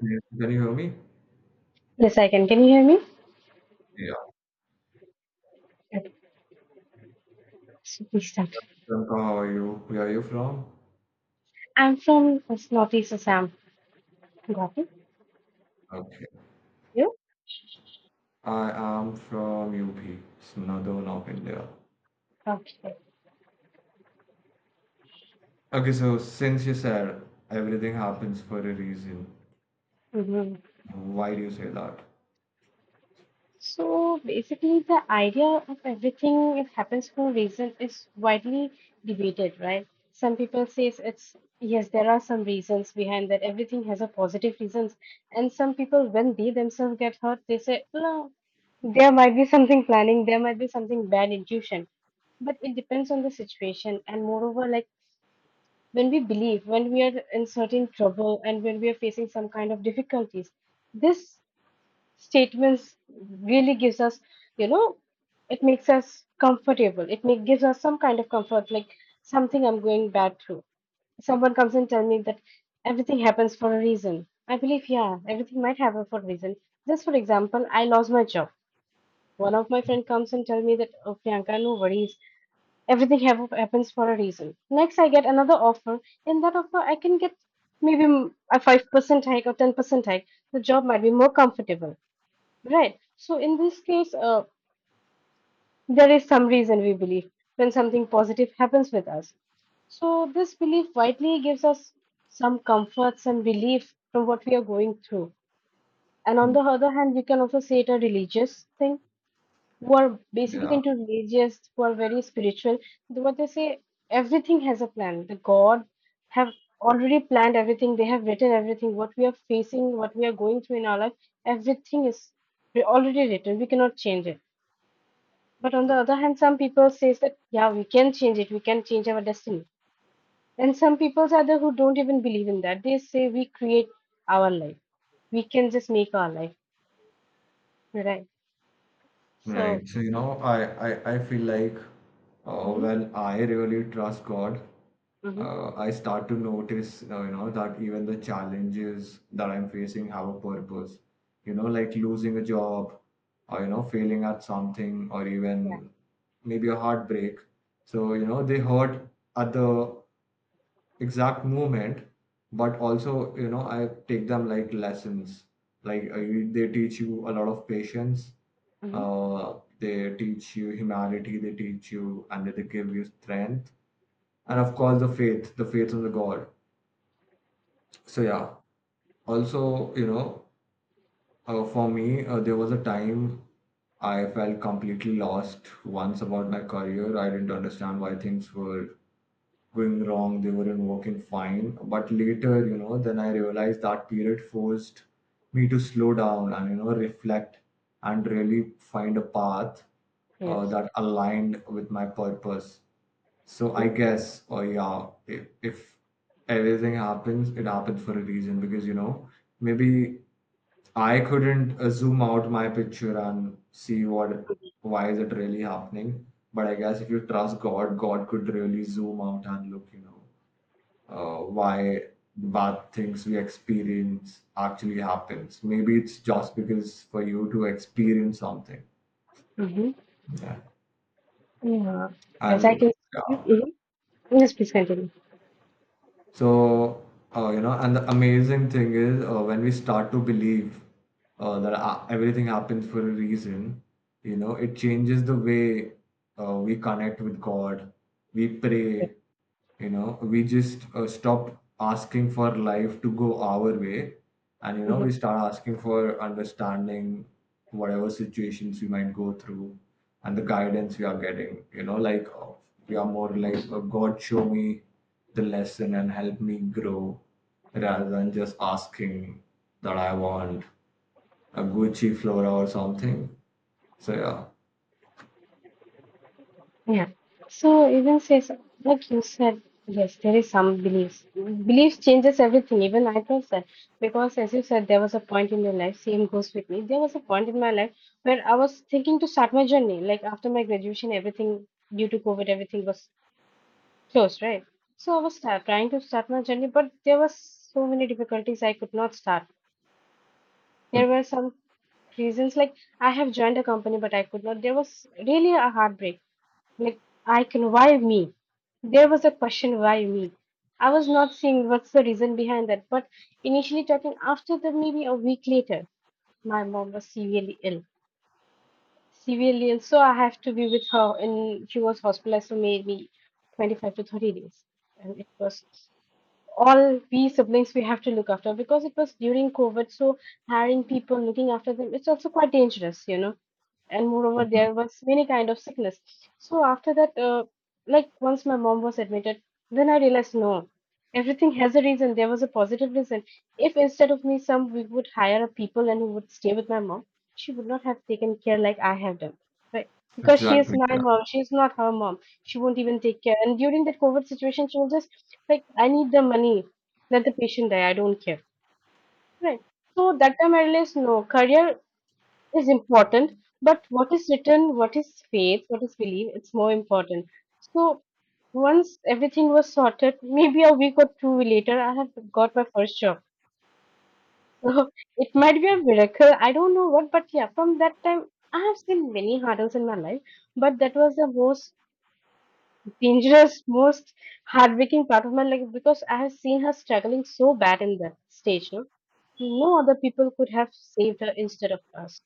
Yes. Can you hear me? Yes, I can. Can you hear me? Yeah. Okay, so please start. Priyanka, how are you? Where are you from? I'm from Northeast Assam. Got it? Okay. You? I am from UP, it's another North India. Okay. Okay, so since you said everything happens for a reason, hmm why do you say that? So basically, the idea of everything it happens for a reason is widely debated, right? Some people say it's yes, there are some reasons behind that. Everything has a positive reasons, and some people, when they themselves get hurt, they say no, there might be something planning, there might be something bad intuition but it depends on the situation and moreover like when we believe, when we are in certain trouble, and when we are facing some kind of difficulties. This statements really gives us, you know, it makes us comfortable. It make, gives us some kind of comfort, like something I'm going bad through. Someone comes and tell me that everything happens for a reason. I believe, yeah, everything might happen for a reason. Just for example, I lost my job. One of my friend comes and tell me that, oh, Priyanka, no worries. Everything happens for a reason. Next, I get another offer. In that offer, I can get maybe a 5% hike or 10% hike. The job might be more comfortable, right? So in this case, there is some reason we believe when something positive happens with us. So this belief widely gives us some comforts and relief from what we are going through. And on Hmm. the other hand, you can also say it a religious thing who are basically Yeah. into religious, who are very spiritual, what they say, everything has a plan. The God have already planned everything. They have written everything. What we are facing, what we are going through in our life, everything is already written. We cannot change it. But on the other hand, some people says that yeah, we can change it. We can change our destiny. And some people are there who don't even believe in that. They say we create our life. We can just make our life. Right. Right. So. So, I feel like Mm-hmm, when I really trust God, mm-hmm, I start to notice, that even the challenges that I'm facing have a purpose. Like losing a job, or failing at something, or yeah. even maybe a heartbreak. So, they hurt at the exact moment, but also I take them like lessons. Like they teach you a lot of patience, Mm-hmm. They teach you humanity, they teach you, and they give you strength, and of course the faith in the God. So yeah, also for me, there was a time I felt completely lost once about my career. I didn't understand why things were going wrong, they weren't working fine. But later, then I realized that period forced me to slow down and, reflect and really find a path Yes. that aligned with my purpose. So I Mm-hmm. guess, yeah, if everything happens, it happens for a reason, because, maybe I couldn't zoom out my picture and see why is it really happening. But I guess if you trust God, God could really zoom out and look, why the bad things we experience actually happens. Maybe it's just because for you to experience something. Mm-hmm. Yeah. Yeah. As I And can see, uh, hmm, yes, please continue. So, and the amazing thing is, when we start to believe that everything happens for a reason, it changes the way we connect with God, we pray, we just stop asking for life to go our way. And, Hmm. we start asking for understanding whatever situations we might go through and the guidance we are getting. We are more like, God show me the lesson and help me grow, rather than just asking that I want a Gucci Flora or something. So yeah. Yeah. So even says, like you said, yes, there is some beliefs. Beliefs changes everything. Even I thought that because, as you said, there was a point in your life. Same goes with me. There was a point in my life where I was thinking to start my journey. Like after my graduation, everything due to COVID, everything was closed, right? So I was start, trying to start my journey, but there was so many difficulties. I could not start. There were some reasons like I have joined a company, but I could not. There was really a heartbreak. Like I can, why me? There was a question, why me? I was not seeing what's the reason behind that. But initially talking after the maybe a week later, my mom was severely ill severely ill. So I have to be with her, and she was hospitalized for maybe 25 to 30 days. And it was all we siblings we have to look after because it was during COVID, so hiring people, looking after them, it's also quite dangerous, you know. And moreover, Mhm. there was many kind of sickness. So after that, like once my mom was admitted, then I realized no, everything has a reason. There was a positive reason. If instead of me, some we would hire a people and who would stay with my mom, she would not have taken care like I have done, right? Because she is Exactly, my yeah, mom, she is not her mom. She won't even take care. And during that COVID situation, she was just like, I need the money. Let the patient die. I don't care. Right. So that time I realized no, career is important, but what is written, what is faith, what is belief, it's more important. So once everything was sorted, maybe a week or two later, I have got my first job. So it might be a miracle. I don't know what, but yeah, from that time, I have seen many hurdles in my life, but that was the most dangerous, most heartbreaking part of my life because I have seen her struggling so bad in that stage. No, no other people could have saved her instead of us.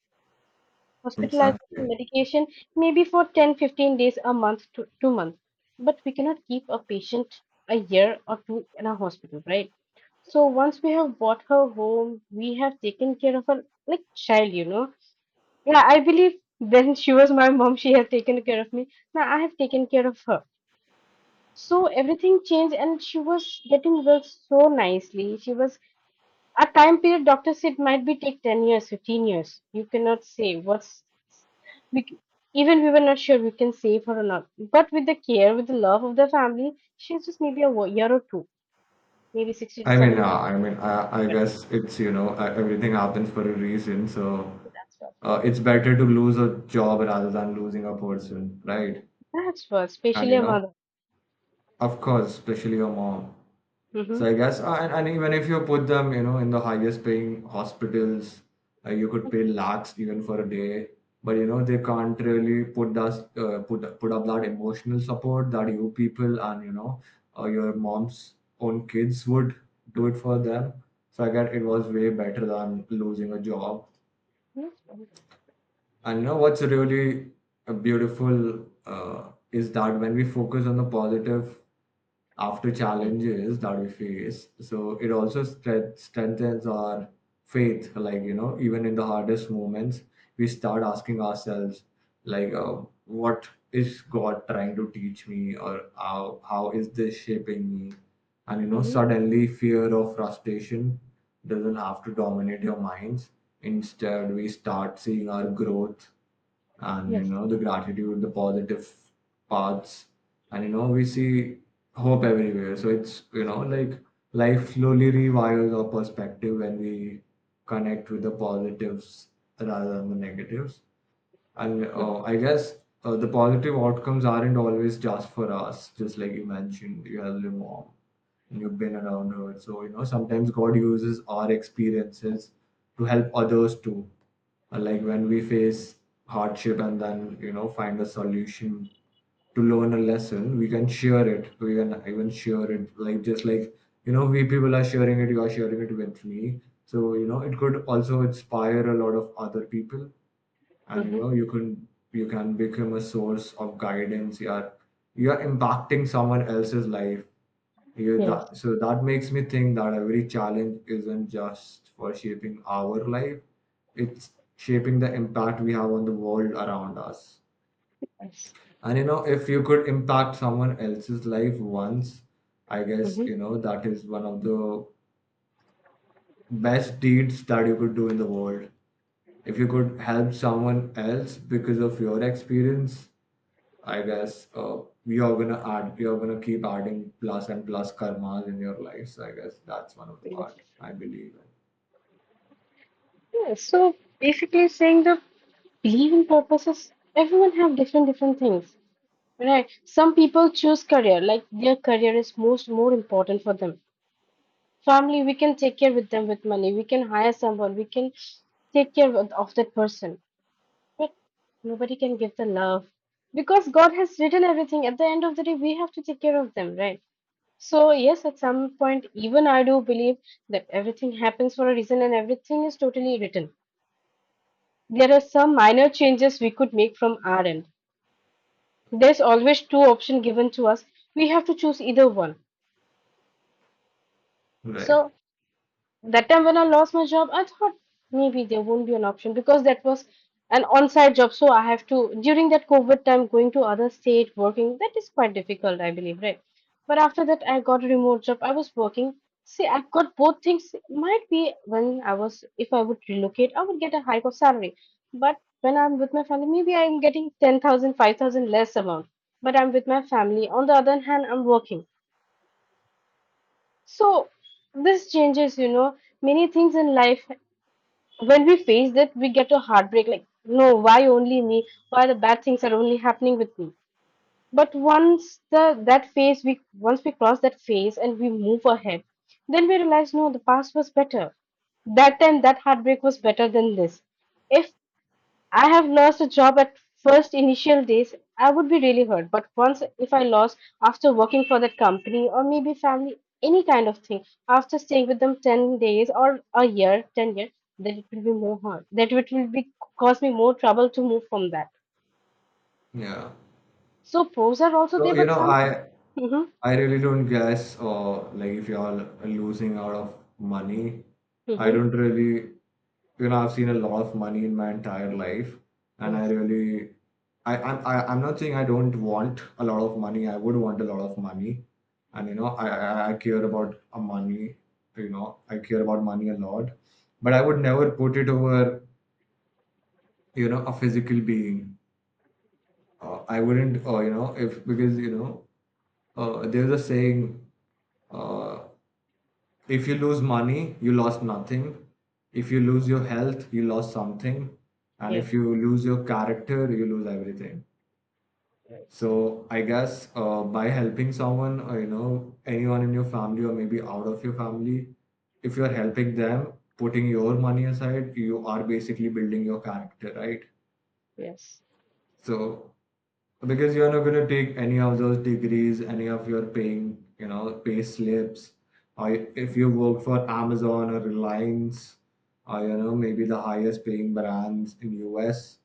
Hospitalization exactly. medication may be for 10, 15 days, a month to 2 months. But we cannot keep a patient a year or two in a hospital, right? So once we have brought her home, we have taken care of her like child, you know. Yeah, I believe when she was my mom, she had taken care of me. Now I have taken care of her. So everything changed and she was getting well so nicely. She was a time period doctor said might be take 10 years, 15 years. You cannot say what's we, c- even we were not sure we can save her or not. But with the care, with the love of the family, she's just maybe a year or two, maybe 60 to I mean, 70 yeah, I mean, later, I but guess it's, everything happens for a reason, so that's what. It's better to lose a job rather than losing a person, right? That's what, And especially a mother. of course, especially your mom. Mm-hmm. So I guess, and even if you put them, in the highest paying hospitals, you could pay lakhs even for a day. But they can't really put us put put up that emotional support that you people and your mom's own kids would do it for them. So I guess it was way better than losing a job. Mm-hmm. And what's really beautiful is that when we focus on the positive after challenges that we face, so it also strengthens our faith. Like, even in the hardest moments, we start asking ourselves, like, what is God trying to teach me, or how is this shaping me? And, Mm-hmm. suddenly fear or frustration doesn't have to dominate your minds. Instead, we start seeing our growth and Yes. The gratitude, the positive paths, and we see hope everywhere. So it's, life slowly rewires our perspective when we connect with the positives rather than the negatives. And Mm-hmm. I guess the positive outcomes aren't always just for us. Just like you mentioned, you have your mom and you've been around her. So, sometimes God uses our experiences to help others too. And like when we face hardship and then, find a solution to learn a lesson, we can share it. We can even share it. Like just like, we people are sharing it, you are sharing it with me. So, it could also inspire a lot of other people. And Mm-hmm. You can become a source of guidance. You're impacting someone else's life. You Yes. that So that makes me think that every challenge isn't just for shaping our life, it's shaping the impact we have on the world around us. Yes. And if you could impact someone else's life once, I guess Mm-hmm. That is one of the best deeds that you could do in the world. If you could help someone else because of your experience, I guess we are gonna keep adding plus and plus karmas in your lives. I guess that's one of the Yes. part I believe Yes. So basically saying the believing purposes, everyone have different different things. Right. Some people choose career, like their career is most more important for them. Family we can take care with them with money we can hire someone we can take care of that person but nobody can give the love because God has written everything at the end of the day we have to take care of them right so yes at some point even I do believe that everything happens for a reason and everything is totally written there are some minor changes we could make from our end there's always two options given to us we have to choose either one in. Right. so that time when I lost my job, I thought maybe there won't be an option because that was an on-site job. So I have to, during that COVID time, going to other state, working, that is quite difficult, I believe, right? But after that, I got a remote job. I was working. See, I got both things. Might be when I was, if I would relocate, I would get a hike of salary. But when I'm with my family, maybe I'm getting 10,000, 5,000 less amount. But I'm with my family. On the other hand, I'm working. So this changes, you know, many things in life when we face that we get a heartbreak like no why only me why the bad things are only happening with me but once the that phase we once we cross that phase and we move ahead then we realize no the past was better that time that heartbreak was better than this if I have lost a job at first initial days, I would be really hurt. But once, if I lost after working for that company or maybe family, any kind of thing, after staying with them 10 days or a year, 10 years, then it will be more hard. That it will be cause me more trouble to move from that. Yeah. So pros are also So there, but some. I Mm-hmm, I really don't guess, or like if y'all are losing out of money. I mm-hmm. don't really, I've seen a lot of money in my entire life, and I Yes, really, I'm not saying I don't want a lot of money. I would want a lot of money, and I care about a money. I care about money a lot, but I would never put it over, a physical being. I wouldn't, you know, if because there's a saying. Uh, If you lose money, you lost nothing. If you lose your health, you lost something. And if yes, you lose your character, you lose everything. yes, So I guess by helping someone, or, anyone in your family or maybe out of your family, if you're helping them, putting your money aside, you are basically building your character, right? yes. So, because you're not going to take any of those degrees, any of your paying, pay slips, or if you work for Amazon or Reliance, or maybe the highest paying brands in US.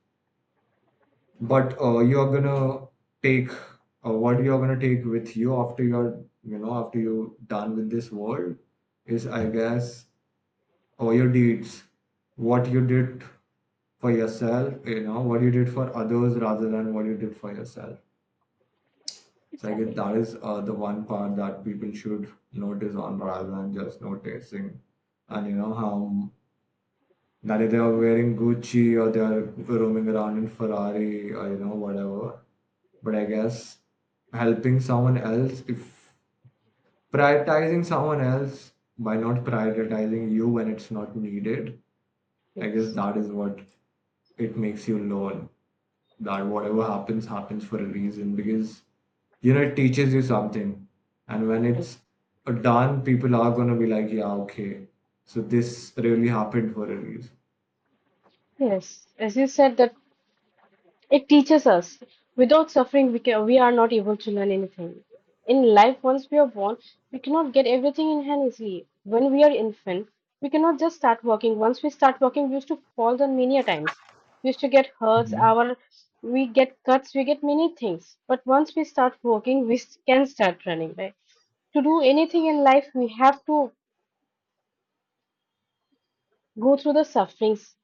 But you're going to take, what you're going to take with you after you're you know after you're done with this world is, I guess, all your deeds, what you did for yourself, what you did for others rather than what you did for yourself. So I guess Exactly. that is the one part that people should notice on, rather than just noticing. And you know how that they are wearing Gucci, or they are roaming around in Ferrari, or whatever. But I guess helping someone else, if prioritizing someone else by not prioritizing you when it's not needed, I guess Yes. that is what it makes you learn, that whatever happens happens for a reason, because it teaches you something. And when it's a done, people are going to be like, yeah, okay, so this really happened for a reason. Yes, as you said, that it teaches us. Without suffering, we, can, we are not able to learn anything. In life, once we are born, we cannot get everything in hand easily. When we are infant, we cannot just start walking. Once we start walking, we used to fall down many a times. We used to get hurts, Mhm. our we get cuts, we get many things. But once we start walking, can start running, right? To do anything in life, we have to go through the sufferings.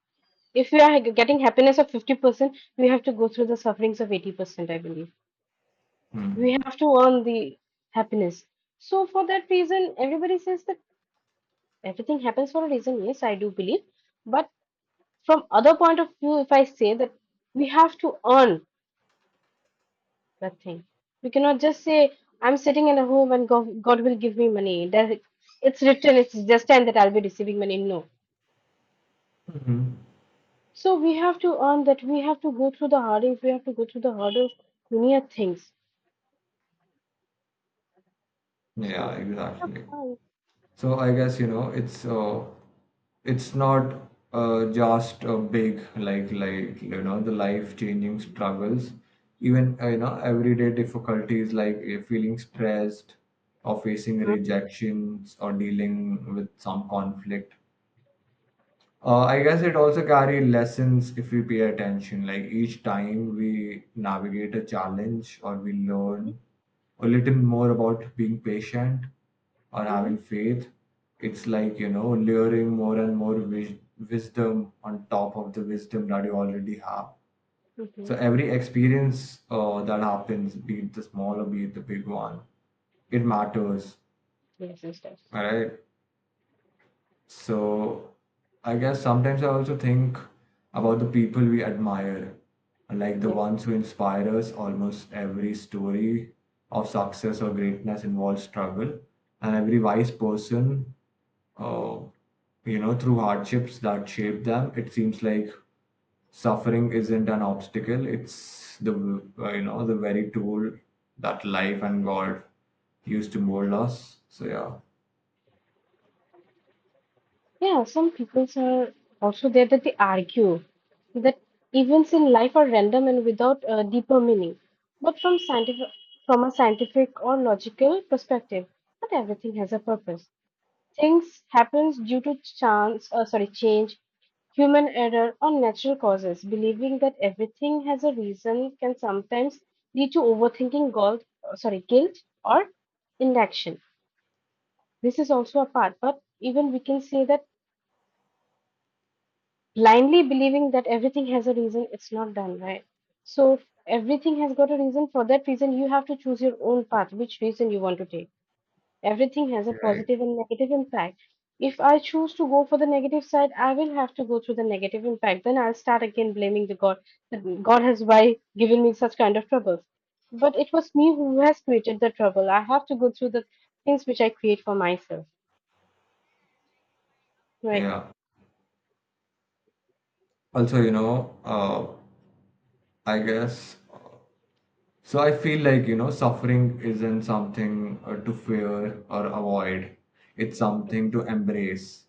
If we are getting happiness of 50%, we have to go through the sufferings of 80%, I believe. We Mm. have to earn the happiness. So for that reason, everybody says that everything happens for a reason. Yes, I do believe. But from other point of view, if I say that we have to earn that thing, we cannot just say I'm sitting in a home and God will give me money. That it's written. It's destined that I'll be receiving money. No. Hmm. So we have to earn that. We have to go through the hurdles. We have to go through the hurdles. Many a things. Yeah, So. exactly. So I guess it's, it's not, just a big, the life changing struggles. Even everyday difficulties like feeling stressed, or facing rejections, or dealing with some conflict, I guess it also carry lessons if we pay attention. Like each time we navigate a challenge or we learn a little more about being patient or Mm-hmm. having faith, it's like, layering more and more wisdom on top of the wisdom that you already have. So Mm-hmm. every experience that happens, be it the small or be it the big one, it matters. Yes, yes, yes. All right. So I guess sometimes I also think about the people we admire, like the ones who inspire us. Almost every story of success or greatness involves struggle, and every wise person, uh, through hardships that shape them, it seems like suffering isn't an obstacle. It's the the very tool that life and God used to mold us. So yeah, Yeah, some people are also there that they argue that events in life are random and without a deeper meaning. But from a scientific or logical perspective, not everything has a purpose. Things happens due to change, human error, or natural causes. Believing that everything has a reason can sometimes lead to overthinking, guilt or inaction. This is also a part, but even we can say that blindly believing that everything has a reason, it's not done right. So if everything has got a reason. For that reason, you have to choose your own path, which reason you want to take. Everything has a right, positive and negative impact. If I choose to go for the negative side, I will have to go through the negative impact. Then I'll start again blaming the God that God has why given me such kind of troubles. But it was me who has created the trouble. I have to go through the things which I create for myself. Right. yeah. Also, I guess. So I feel like, suffering isn't something to fear or avoid. It's something to embrace,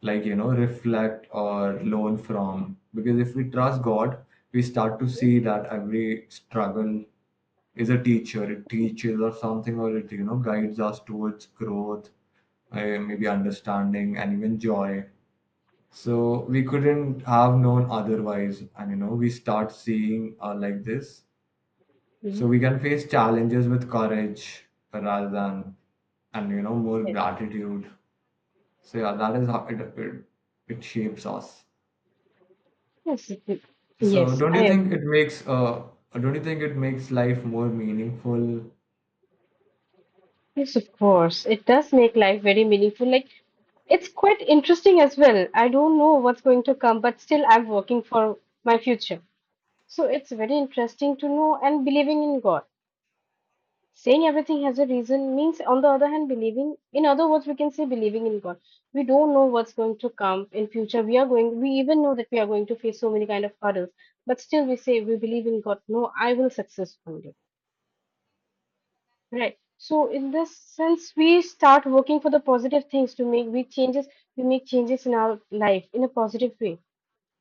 like, reflect or learn from. Because if we trust God, we start to see that every struggle is a teacher. It teaches or something, or it, guides us towards growth, maybe understanding, and even joy. So we couldn't have known otherwise. And, we start seeing, like this, so Mhm. we can face challenges with courage rather than, and more Yes. gratitude. So yeah, that is how it shapes us. Yes. So Yes. don't I you think agree. it makes don't you think it makes life more meaningful? Yes, of course. It does make life very meaningful. Like, it's quite interesting as well. I don't know what's going to come, but still, I'm working for my future. So, it's very interesting to know and believing in God. Saying everything has a reason means, on the other hand, believing, in other words, we can say believing in God. We don't know what's going to come in future. We are going, we even know that we are going to face so many kind of hurdles, but still we say we believe in God. No, I will success one day. Right. So in this sense, we start working for the positive things to make we changes. We make changes in our life in a positive way.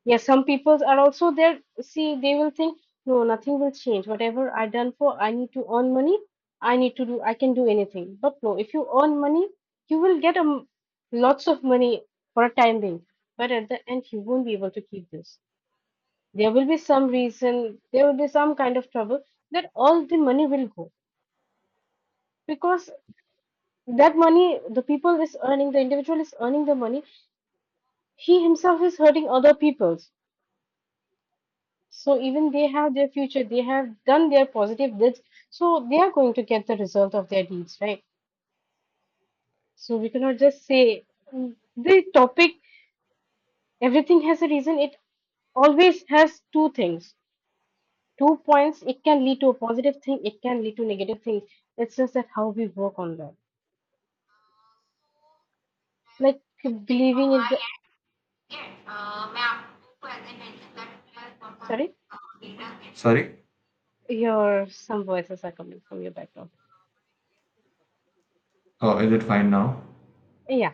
Yes, some people are also there. See, they will think, no, nothing will change. Whatever I done for, I need to earn money. I need to do. I can do anything. But no, if you earn money, you will get lots of money for a time being. But at the end, you won't be able to keep this. There will be some reason. There will be some kind of trouble that all the money will go, because that money, the people is earning, the individual is earning the money, he himself is hurting other people's, so even they have their future, they have done their positive deeds, so they are going to get the result of their deeds, right? So we cannot just say, the topic, everything has a reason, it always has two things, two points. It can lead to a positive thing, it can lead to negative things. It's just that how we work on that, like believing in the, sorry, Sorry? your some voices are coming from your background. Oh, is it fine now? Yeah.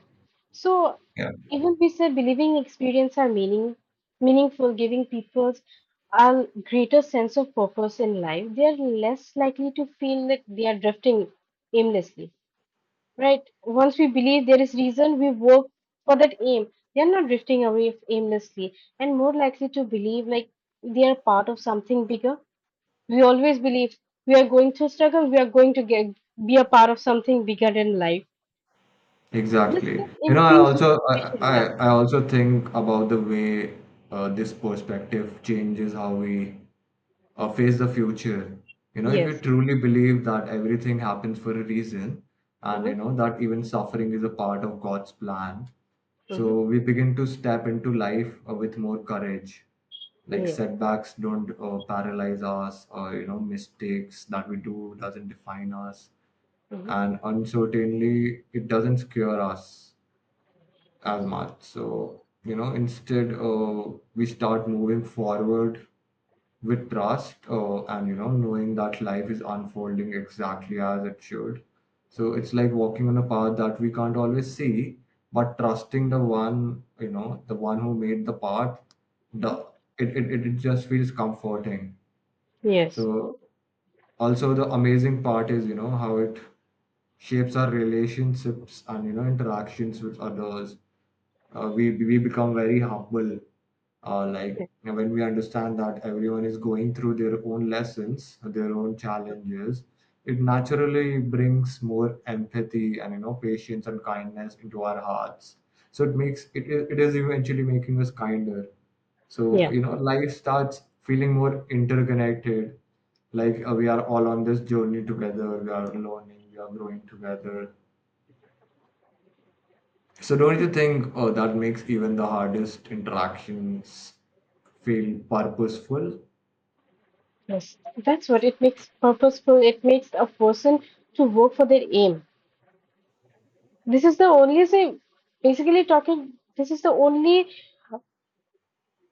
So Yeah. even we say believing experience are meaning meaningful, giving people a greater sense of purpose in life, they are less likely to feel that they are drifting aimlessly. Right? Once we believe there is reason, we work for that aim. They are not drifting away aimlessly, and more likely to believe like they are part of something bigger. We always believe we are going through struggle, we are going to get be a part of something bigger in life. This Exactly. can I increase also I, motivation, I, yeah. I also think about the way this perspective changes how we face the future. You know, if we Yes. truly believe that everything happens for a reason, and Mm-hmm. you know that even suffering is a part of God's plan, Mm-hmm. so we begin to step into life with more courage. Like Yeah. setbacks don't paralyze us, or you know, mistakes that we do doesn't define us, Mm-hmm. and uncertainly it doesn't scare us as Yes. much. So, you know, instead, we start moving forward with trust and, you know, knowing that life is unfolding exactly as it should. So it's like walking on a path that we can't always see, but trusting the one, you know, the one who made the path, the Mm-hmm. It just feels comforting. Yes. So also the amazing part is, you know, how it shapes our relationships and, you know, interactions with others, we become very humble, uh, Yeah. like when we understand that everyone is going through their own lessons, their own challenges. It naturally brings more empathy and, you know, patience and kindness into our hearts. So it makes it is eventually making us kinder. So, Yeah. you know, life starts feeling more interconnected, like we are all on this journey together, we are learning, we are growing together. So don't you Yeah. think, oh, that makes even the hardest interactions feel purposeful? Yes. That's what it makes purposeful. It makes a person to work for their aim. This is the only thing. Basically, talking. This is the only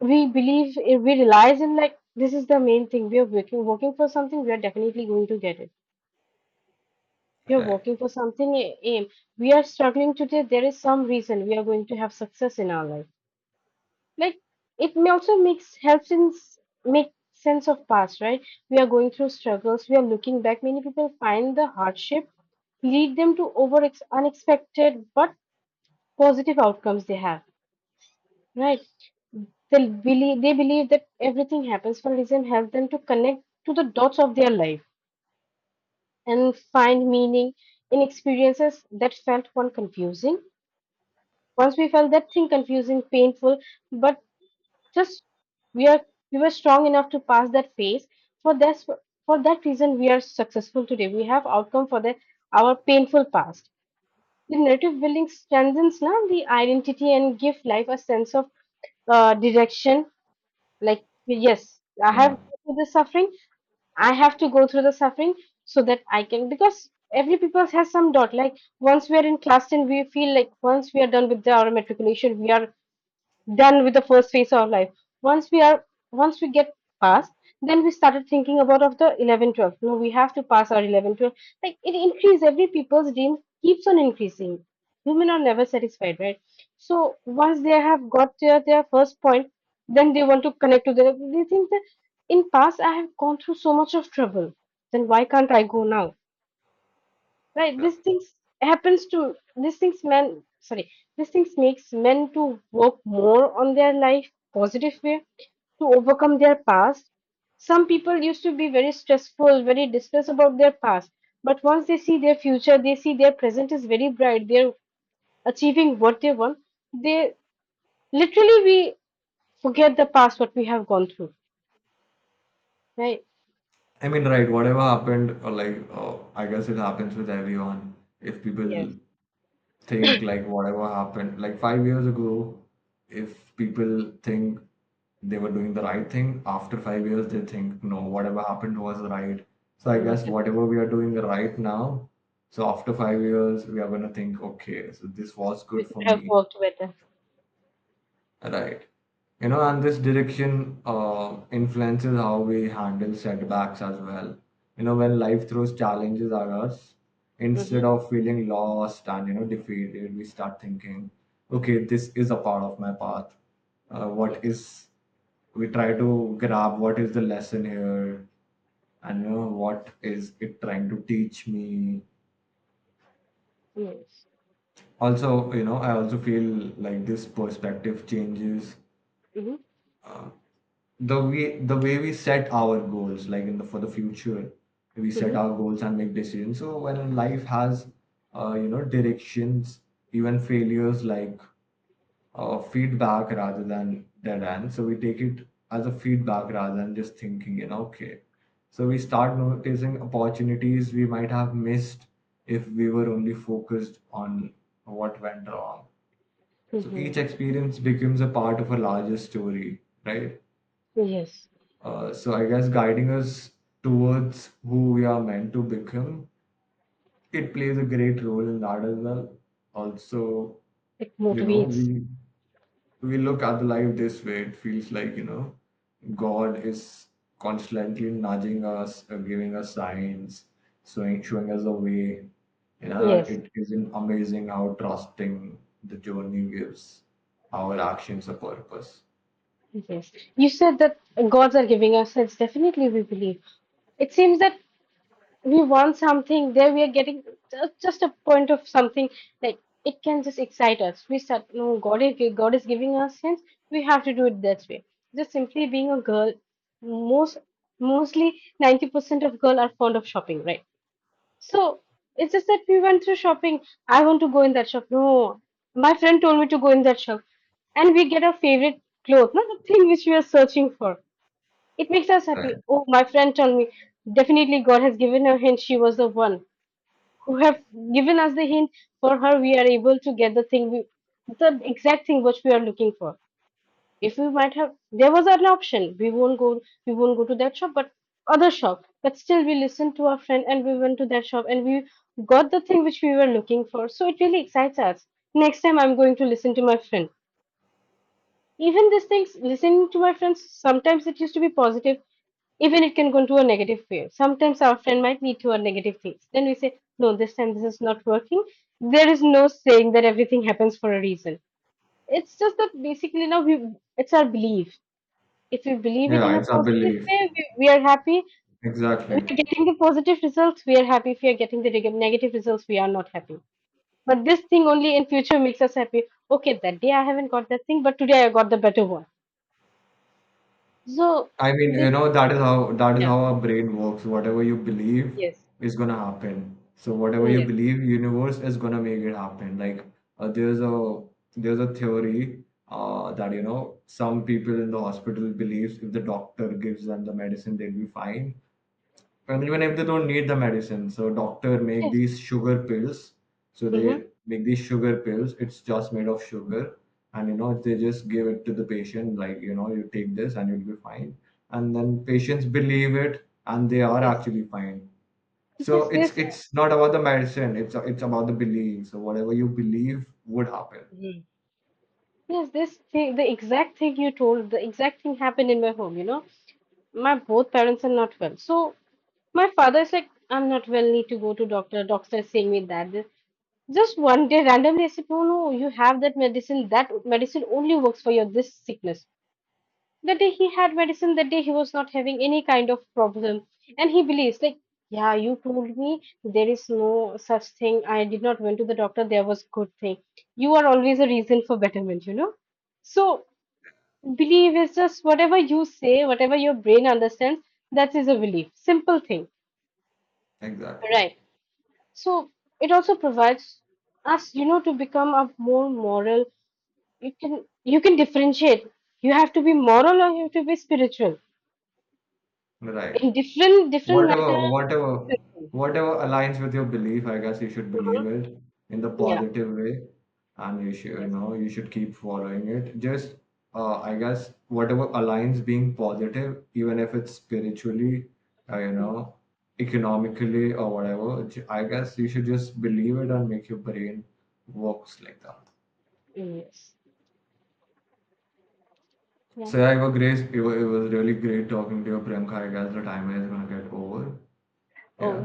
we believe. We realize in like this is the main thing. We are working for something. We are definitely going to get it. We are working for something aim. We are struggling today. There is some reason we are going to have success in our life. Like, it may also makes helps in make sense of past, right? We are going through struggles, we are looking back, many people find the hardship lead them to unexpected but positive outcomes they have, right? They believe that everything happens for a reason help them to connect to the dots of their life and find meaning in experiences that felt one confusing. Once we felt that thing confusing, painful, but just we are we were strong enough to pass that phase, for this for that reason we are successful today, we have outcome for the our painful past. The narrative building strengthens now the identity and give life a sense of direction. Like, yes, I have Yeah. gone through the suffering. I have to go through the suffering so that I can, because every people has some dot. Like once we are in class 10, we feel like once we are done with the, our matriculation, we are done with the first phase of life. once we are Once we get past, then we started thinking about of the 11, 12. No, we have to pass our 11, 12. Like it increase every people's dream keeps on increasing. Women are never satisfied, right? So once they have got their first point, then they want to connect to the, they think that in past I have gone through so much of trouble, then why can't I go now? Right, Yeah. These things men, sorry, these things makes men to work more on their life positive way to overcome their past. Some people used to be very stressful, very distressed about their past, but once they see their future, they see their present is very bright, they're achieving what they want. They literally we forget the past what we have gone through. Right? I mean, right, whatever happened, or like, oh, I guess it happens with everyone. If people Yes. think like whatever happened, like 5 years ago, if people think they were doing the right thing, after 5 years, they think, no, whatever happened was right. So I guess Listen, whatever we are doing right now, so after 5 years, we are going to think, okay, so this was we good could for have me. worked better. Right. You know, and this direction influences how we handle setbacks as well. You know, when life throws challenges at us, instead Mm-hmm. of feeling lost and, you know, defeated, we start thinking, okay, this is a part of my path. Uh, what Yes. is, we try to grab what is the lesson here, and, you know, what is it trying to teach me? Yes. Also, you know, I also feel like this perspective changes Mm-hmm. the way we set our goals, like in the for the future we set Mm-hmm. our goals and make decisions. So when life has you know, directions, even failures, like feedback rather than dead end, so we take it as a feedback rather than just thinking, you know, okay. So we start noticing opportunities we might have missed if we were only focused on what went wrong. So each Mm-hmm. experience becomes a part of a larger story, right? Yes, So I guess guiding us towards who we are meant to become, it plays a great role in that as well. Also, it you know, motivates. we look at the life this way. It feels like, you know, God is constantly nudging us, giving us signs, showing us the way. You know, Yes, it isn't amazing how trusting the journey gives our actions a purpose. yes. You said that gods are giving us sense. Definitely, we believe. It seems that we want something, there we are getting just a point of something. Like it can just excite us. We start, no, God is giving us sense. We have to do it that way. Just simply being a girl, most mostly 90% of girls are fond of shopping, right? So it's just that we went through shopping. I want to go in that shop. No, my friend told me to go in that shop, and we get our favorite clothes, not the thing which we are searching for. It makes us Right. happy. Oh, my friend told me definitely God has given her hint. She was the one who have given us the hint. For her, we are able to get the thing we, the exact thing which we are looking for. If we might have, there was an option. We won't go to that shop, but other shop. But still, we listened to our friend and we went to that shop and we got the thing which we were looking for. So it really excites us. Next time, I'm going to listen to my friend. Even these things, listening to my friends, sometimes it used to be positive, even it can go into a negative way. Sometimes our friend might lead to a negative things. Then we say, no, this time this is not working. There is no saying that everything happens for a reason. It's just that basically now we it's our belief. If we believe it Yeah, in a it's our positive belief. way, we are happy. We Exactly. are getting the positive results, we are happy. If we are getting the negative results, we are not happy. But this thing only in future makes us happy. Okay, that day I haven't got that thing, but today I got the better one. So I mean, you this, know, that is how that is yeah, how our brain works. Whatever you believe yes, is gonna happen. So whatever you yes, believe, universe is gonna make it happen. Like uh, there's a there's a theory that you know some people in the hospital believes if the doctor gives them the medicine, they'll be fine, and even if they don't need the medicine. So doctor make yes, these sugar pills, so hmm, they make these sugar pills, it's just made of sugar. And you know they just give it to the patient, like, you know, you take this and you'll be fine. And then patients believe it and they are yes, actually fine. So yes. This, it's not about the medicine, it's about the belief. So whatever you believe would happen. mhm, yes, this thing, the exact thing you told, the exact thing happened in my home. You know, my both parents are not well, so my father is like, I'm not well, need to go to doctor. Doctor is saying me that. This. Just one day randomly I said, no, no, you have that medicine. That medicine only works for your this sickness. The day he had medicine, that day he was not having any kind of problem. And he believes, like, yeah, you told me there is no such thing. I did not went to the doctor, there was good thing. You are always a reason for betterment, you know? So belief is just whatever you say, whatever your brain understands, that is a belief. Simple thing. Exactly. Right. So it also provides us, you know, to become a more moral. You can differentiate, you have to be moral or you have to be spiritual Right. in different different matter Whatever, whatever, differently. whatever aligns with your belief, I guess you should believe Mhm. it in the Yeah. positive way, and you should, you Yes. know, you should keep following it. Just, I guess, whatever aligns being positive, even if it's spiritually, you Mhm. know, economically or whatever, I guess you should just believe it and make your brain works like that. Yes. Yeah. So yeah, it was great. It was really great talking to you, Priyanka. I guess the timer is gonna get over. Oh. Yeah.